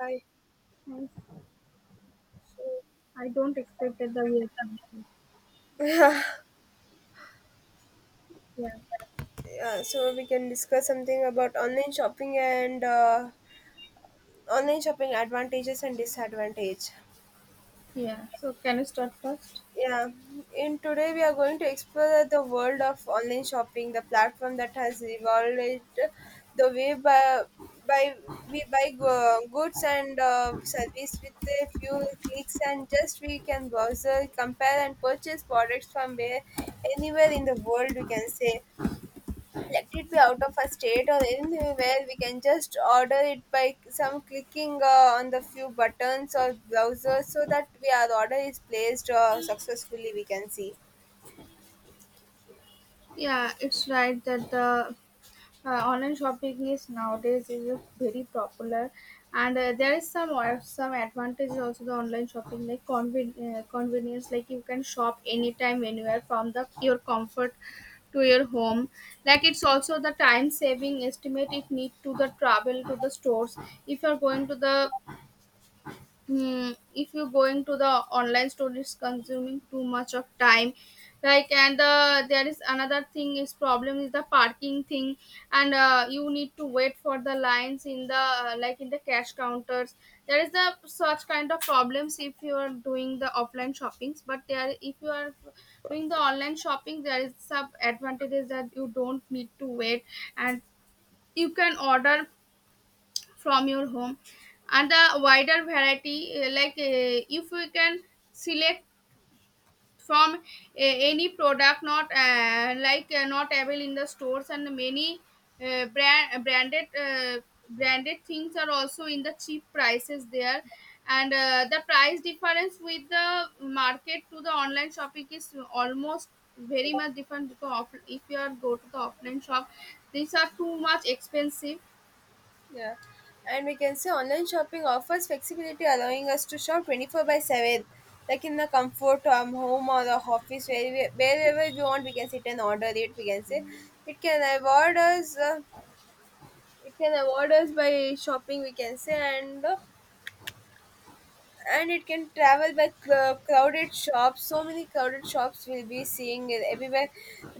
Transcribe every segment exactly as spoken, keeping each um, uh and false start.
Hi. I I don't expect that the way. Of thinking. Yeah. Yeah, so we can discuss something about online shopping and uh, online shopping advantages and disadvantage. Yeah, so can you start first? Yeah, in today we are going to explore the world of online shopping, the platform that has evolved it the way by, by we buy go- goods and uh, service with a few clicks, and just we can browse, compare and purchase products from where anywhere in the world, we can say. Let it be out of a state or anywhere, we can just order it by some clicking uh, on the few buttons or browsers so that we, our order is placed uh, successfully, we can see. Yeah, it's right that the uh, online shopping is nowadays is a very popular, and uh, there is some or some advantages also the online shopping like conven- uh, convenience like you can shop anytime anywhere from the your comfort to your home. Like it's also the time saving estimate if need to the travel to the stores if you're going to the Hmm, if you're going to the online store, it's consuming too much of time. Like, and uh, there is another thing is problem is the parking thing, and uh, you need to wait for the lines in the uh, like in the cash counters. There is the such kind of problems if you are doing the offline shoppings, but there if you are doing the online shopping, there is some advantages that you don't need to wait and you can order from your home and the wider variety uh, like uh, if we can select from uh, any product not uh, like uh, not available in the stores and many uh, brand branded uh, branded things are also in the cheap prices there and uh, the price difference with the market to the online shopping is almost very much different because of, if you are go to the offline shop these are too much expensive. Yeah, and we can say online shopping offers flexibility, allowing us to shop twenty four by seven, like in the comfort um, home or the office where we, wherever we want we can sit and order it, we can say. It can award us uh, it can award us by shopping, we can say. And uh, and it can travel by cl- crowded shops, so many crowded shops will be seeing it everywhere.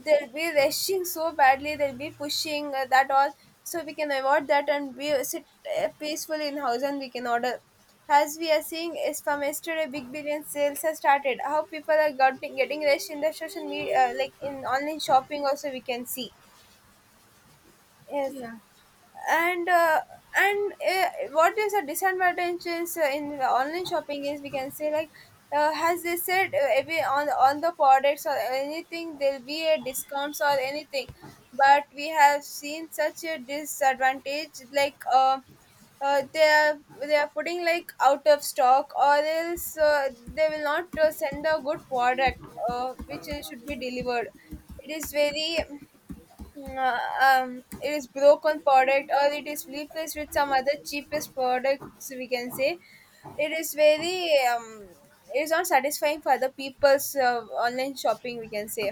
They'll be rushing so badly, they'll be pushing uh, that all, so we can avoid that and be uh, sit uh, peacefully in house and we can order. As we are seeing is from yesterday big billion sales has started, how people are got getting rushed in the social media, uh, like in online shopping also we can see. Yes. Yeah, and uh, and uh, what is a disadvantage is uh, in online shopping is, we can say, like uh, as they said, uh, every on on the products or anything there'll be a discounts or anything. But we have seen such a disadvantage like uh, uh, they are they are putting like out of stock, or else uh, they will not uh, send a good product, uh, which is- should be delivered. It is very. Mm, Uh, um, it is broken product, or it is replaced with some other cheapest products, we can say. It is very. um, it is not satisfying for other people's uh, online shopping, we can say.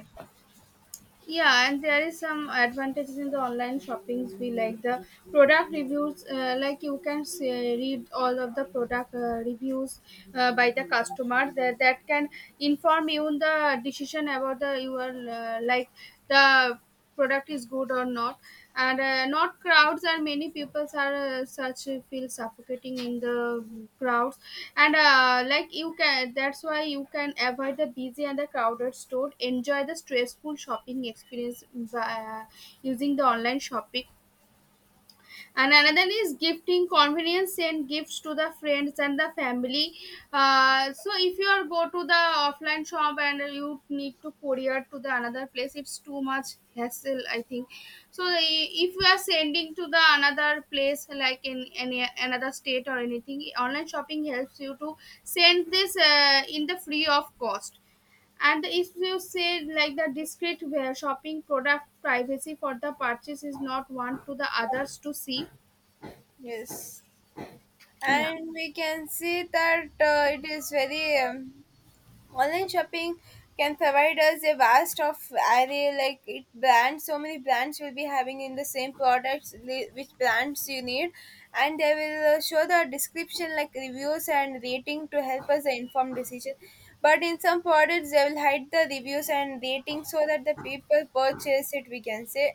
yeah, and there is some advantages in the online shoppings we like the product reviews uh, like you can say, read all of the product uh, reviews uh, by the customer that, that can inform you in the decision about the your uh, like the product is good or not. And uh, not crowds and many people are uh, such uh, feel suffocating in the crowds and uh, like you can that's why you can avoid the busy and the crowded store enjoy the stressful shopping experience by uh, using the online shopping. And another is gifting convenience and gifts to the friends and the family, uh, so if you are go to the offline shop and you need to courier to the another place it's too much hassle I think. So i- if you are sending to the another place like in any another state or anything online shopping helps you to send this uh, in the free of cost. And if you say like the discrete where shopping product privacy for the purchase is not one to the others to see. Yes. Yeah. And we can see that uh, it is very. um, Online shopping can provide us a vast of array, like it brands, so many brands will be having in the same products, li- which brands you need. And they will uh, show the description, like reviews and rating, to help us the informed decision. But in some products they will hide the reviews and rating so that the people purchase it, we can say.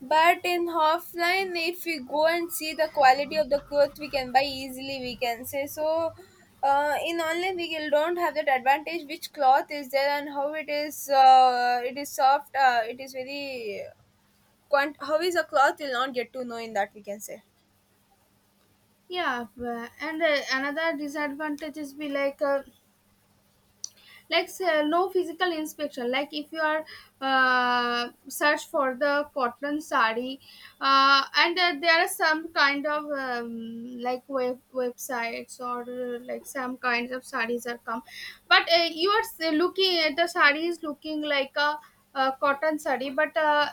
But in offline, if we go and see the quality of the cloth we can buy easily, we can say so. Uh, in online, we will- don't have that advantage, which cloth is there and how it is. Uh, it is soft. Uh, it is very. Quant- how is a cloth? Will not get to know in that, we can say. Yeah but- and uh, another disadvantage is be like uh, like say, no physical inspection like if you are uh, search for the cotton sari, uh, and uh, there are some kind of um, like web websites or uh, like some kinds of saris are come but uh, you are s- looking at the sari is looking like a, a cotton sari but uh,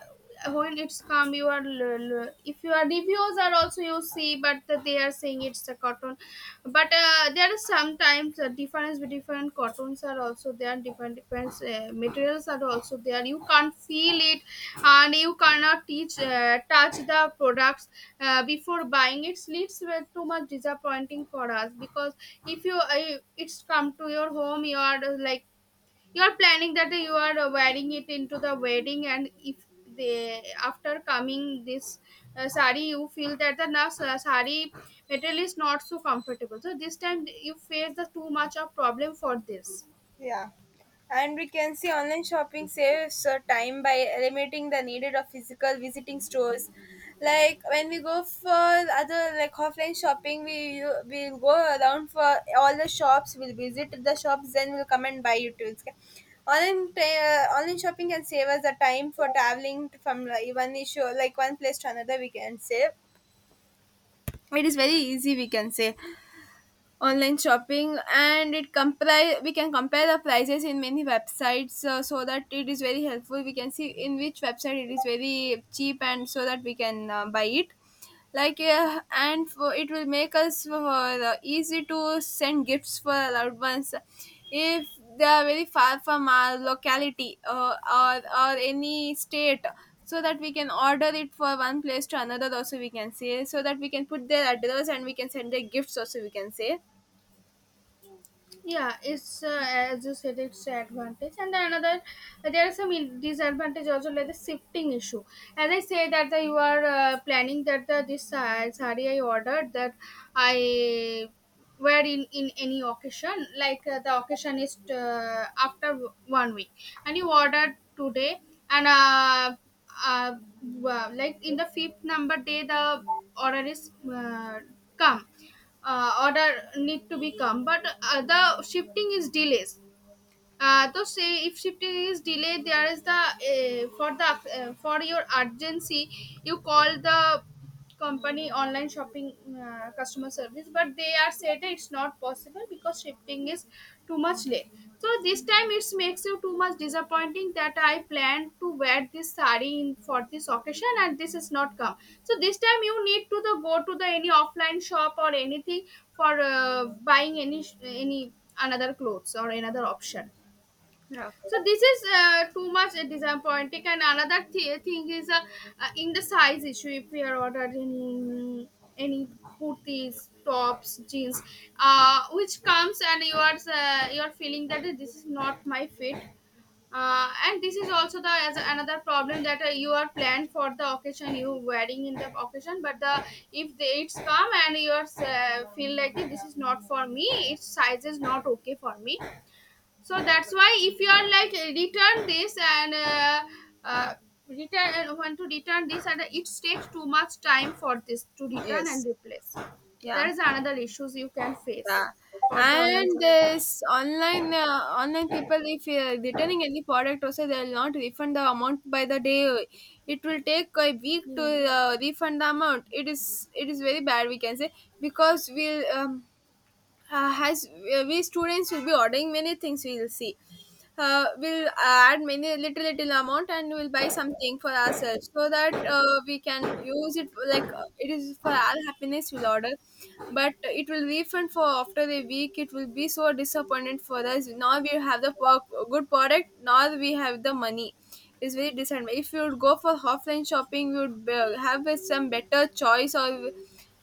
when it's come you are l- l- if your reviews are also you see but they are saying it's a cotton but uh, there are sometimes a difference with different cottons are also there different different uh, materials are also there you can't feel it and you cannot teach uh, touch the products uh, before buying it leads with too much disappointing for us because if you uh, it's come to your home you are uh, like you're planning that you are wearing it into the wedding and if they after coming this uh, sari you feel that the na- sa- sari material is not so comfortable so this time you face the too much of problem for this. Yeah. And we can see online shopping saves uh, time by eliminating the needed of physical visiting stores. Like when we go for other like offline shopping, we you- we'll go around for all the shops. We'll visit the shops, then we'll come and buy it too. Online uh, online shopping can save us the time for traveling from, like, one issue, like one place to another, we can save. It is very easy, we can say. Online shopping, and it compare we can compare the prices in many websites, uh, so that it is very helpful, we can see in which website it is very cheap, and so that we can uh, buy it. Like uh, and for, it will make us uh, easy to send gifts for our loved ones if they are very far from our locality, uh, or or any state, so that we can order it for one place to another also, we can say, so that we can put their address and we can send their gifts also, we can say. Yeah, it's uh, as you said it's an advantage and another there are some in- disadvantage also like the shifting issue as I say that the, you are uh, planning that the this uh, sari I ordered that I wear in in any occasion like uh, the occasion is uh, after one week and you ordered today and uh, uh, w- like in the fifth number day the order is uh, come, uh, order need to be come but uh, the shifting is delays, uh, though say if shifting is delayed there is the uh, for the uh, for your urgency you call the company online shopping uh, customer service but they are said it's not possible because shifting is too much late. So this time it makes you too much disappointing that I planned to wear this saree in, for this occasion and this is not come. So this time you need to the go to the any offline shop or anything for uh, buying any sh- any another clothes or another option. Yeah. So this is uh, too much uh, disappointing. And another th- thing is uh, uh, in the size issue. If we are ordered any any kurtis, tops, jeans, uh, which comes and you are uh, you are feeling that this is not my fit. Uh, and this is also the as another problem that uh, you are planned for the occasion you wearing in the occasion but the if the it's come and you are uh, feel like this is not for me its size is not okay for me. So that's why if you are like uh, return this and uh, uh, return and want to return this and uh, it takes too much time for this to return Yes. and replace. There Yeah. is another issues you can Yeah. face for the online And shop. this online uh, online people, if you're returning any product, also they will not refund the amount by the day. It will take a week to Yeah. uh, refund the amount. It is it is very bad, we can say. Because we'll um, uh, as uh, we students will be ordering many things we will see. Uh, we'll add many little little amount and we'll buy something for ourselves so that uh, we can use it, like uh, it is for our happiness we'll order. But it will refund for after a week, it will be so disappointed for us. Now we have the pro- good product, now we have the money. It's very disadvantage. If you would go for offline shopping, you would uh, have some better choice, or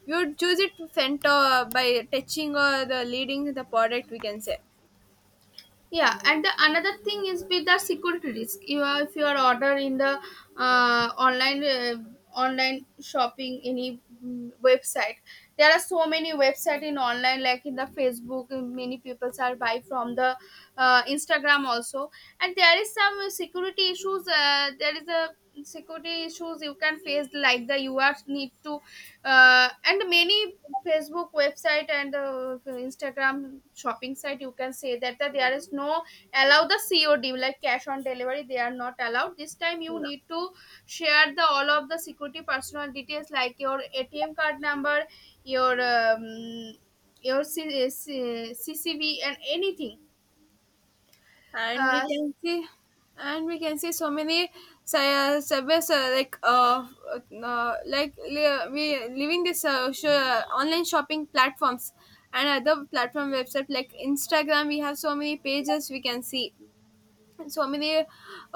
you would choose it scent uh, by touching or the leading the product, we can say. Yeah, and the another thing is with the security risk you are if you are order in the uh, online uh, online shopping any mm, website, there are so many website in online like in the Facebook and many people are buy from the uh, Instagram also. And there is some security issues, uh, there is a security issues you can face like the you are need to uh, and many Facebook website and uh, Instagram shopping site you can say that, that there is no allow the COD like cash on delivery they are not allowed. This time you Yeah. need to share the all of the security personal details like your ATM card number, your um, your C- C- C C V, and anything. and we uh, can see and we can see so many sci- uh, service, uh, like uh, uh like, li- uh, we living this, uh, sh- uh, online shopping platforms and other platform website like Instagram, we have so many pages we can see. So many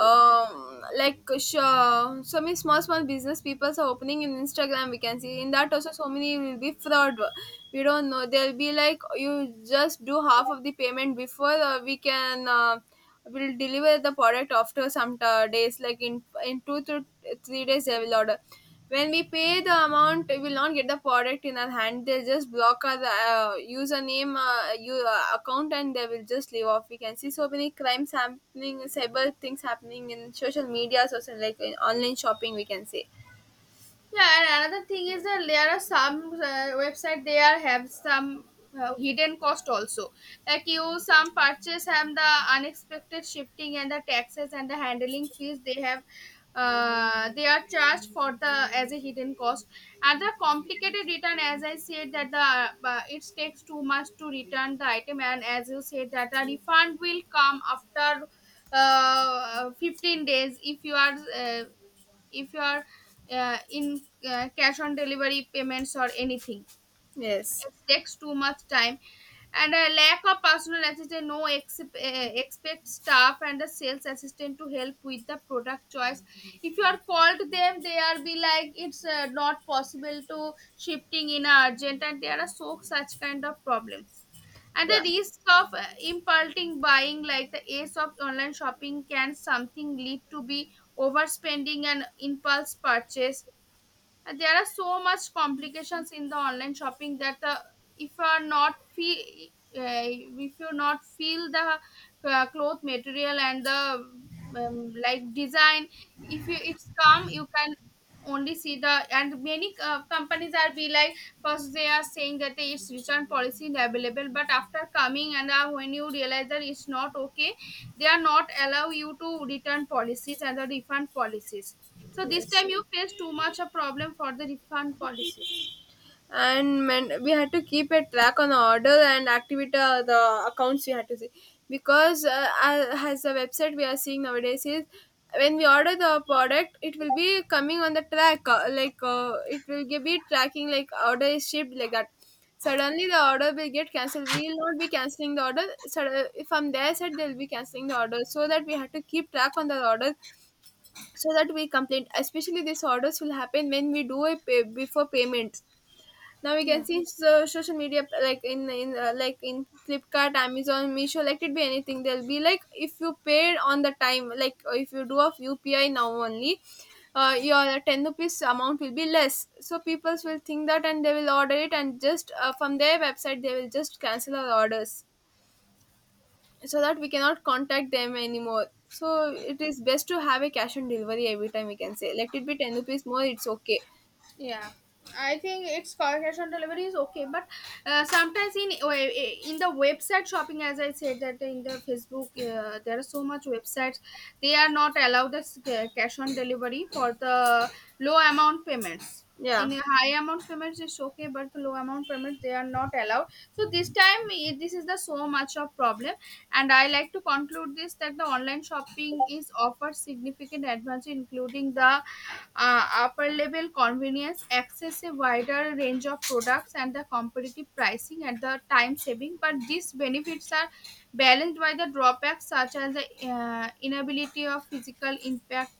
um, like sh- uh, so many small small business people are opening in Instagram, we can see. In that also so many will be fraud, we don't know. They'll be like, you just do half of the payment before uh, we can uh, will deliver the product after some t- days, like in in two to three days they will order. When we pay the amount we will not get the product in our hand, they'll just block our uh, username uh, you, uh, account, and they will just leave off, we can see so many crimes happening, cyber things happening in social media, social, like in online shopping, we can say. Yeah, and another thing is that there are some uh, website they are have some uh, hidden cost also. Like you, some purchase have the unexpected shifting and the taxes and the handling fees they have. Uh, they are charged for the as a hidden cost and the complicated return as I said that the uh, it takes too much to return the item and as you said that the refund will come after uh, fifteen days if you are uh, if you are uh, in uh, cash on delivery payments or anything. Yes. It takes too much time. And a lack of personal assistant, no exp- uh, expect staff and a sales assistant to help with the product choice. If you are called them they are be like it's uh, not possible to shifting in a urgent and there are so such kind of problems. And the Yeah. risk of uh, impulsing buying like the ace of online shopping can something lead to be overspending and impulse purchase. And there are so much complications in the online shopping that the if you are not feel uh, if you not feel the uh, cloth material and the um, like design if you it's come you can only see the and many uh, companies are be like first they are saying that it's return policy is available but after coming and uh, when you realize that it's not okay they are not allow you to return policies and the refund policies. So this Yes. time you face too much a problem for the refund policies. And, man, we had to keep a track on the order and activity, uh, the accounts we had to see. Because uh, a- as the website we are seeing nowadays is, when we order the product it will be coming on the track, uh, like uh, it will gi- be tracking, like order is shipped, like that. Suddenly the order will get cancelled. We will not be cancelling the order, so from their side they will be cancelling the order, so that we had to keep track on the order, so that we complain. Especially these orders will happen when we do a pay before payment. Now we can Yeah. see so social media like in in uh, like in Flipkart, Amazon, Meesho, like it be anything. They'll be like, if you paid on the time, like uh, if you do of U P I now only, uh, your ten rupees amount will be less. So people will think that and they will order it, and just uh, from their website they will just cancel our orders, so that we cannot contact them anymore. So it is best to have a cash on delivery every time, we can say. Let it be ten rupees more, it's okay. Yeah, I think it's ca- cash on delivery is okay, but uh, sometimes in oh, eh, eh, in the website shopping, as I said that in the Facebook, uh, there are so much websites they are not allowed the s- ca- cash on delivery for the low amount payments. Yeah. In a high amount payments it's okay, but the low amount payments they are not allowed. So this time eh, this is the so much of problem. And I like to conclude this that the online shopping is offers significant advantage, including the uh, upper level convenience, access a wider range of products, and the competitive pricing and the time saving. But these benefits are balanced by the drawbacks such as the uh, inability of physical impact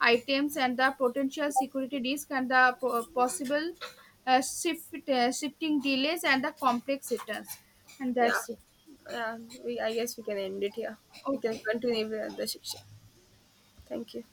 items and the potential security risk and the po- possible uh, shift, uh, shifting delays and the complex returns. And Yeah, that's it. yeah. We I guess we can end it here. We can Okay. continue with the other section. Thank you.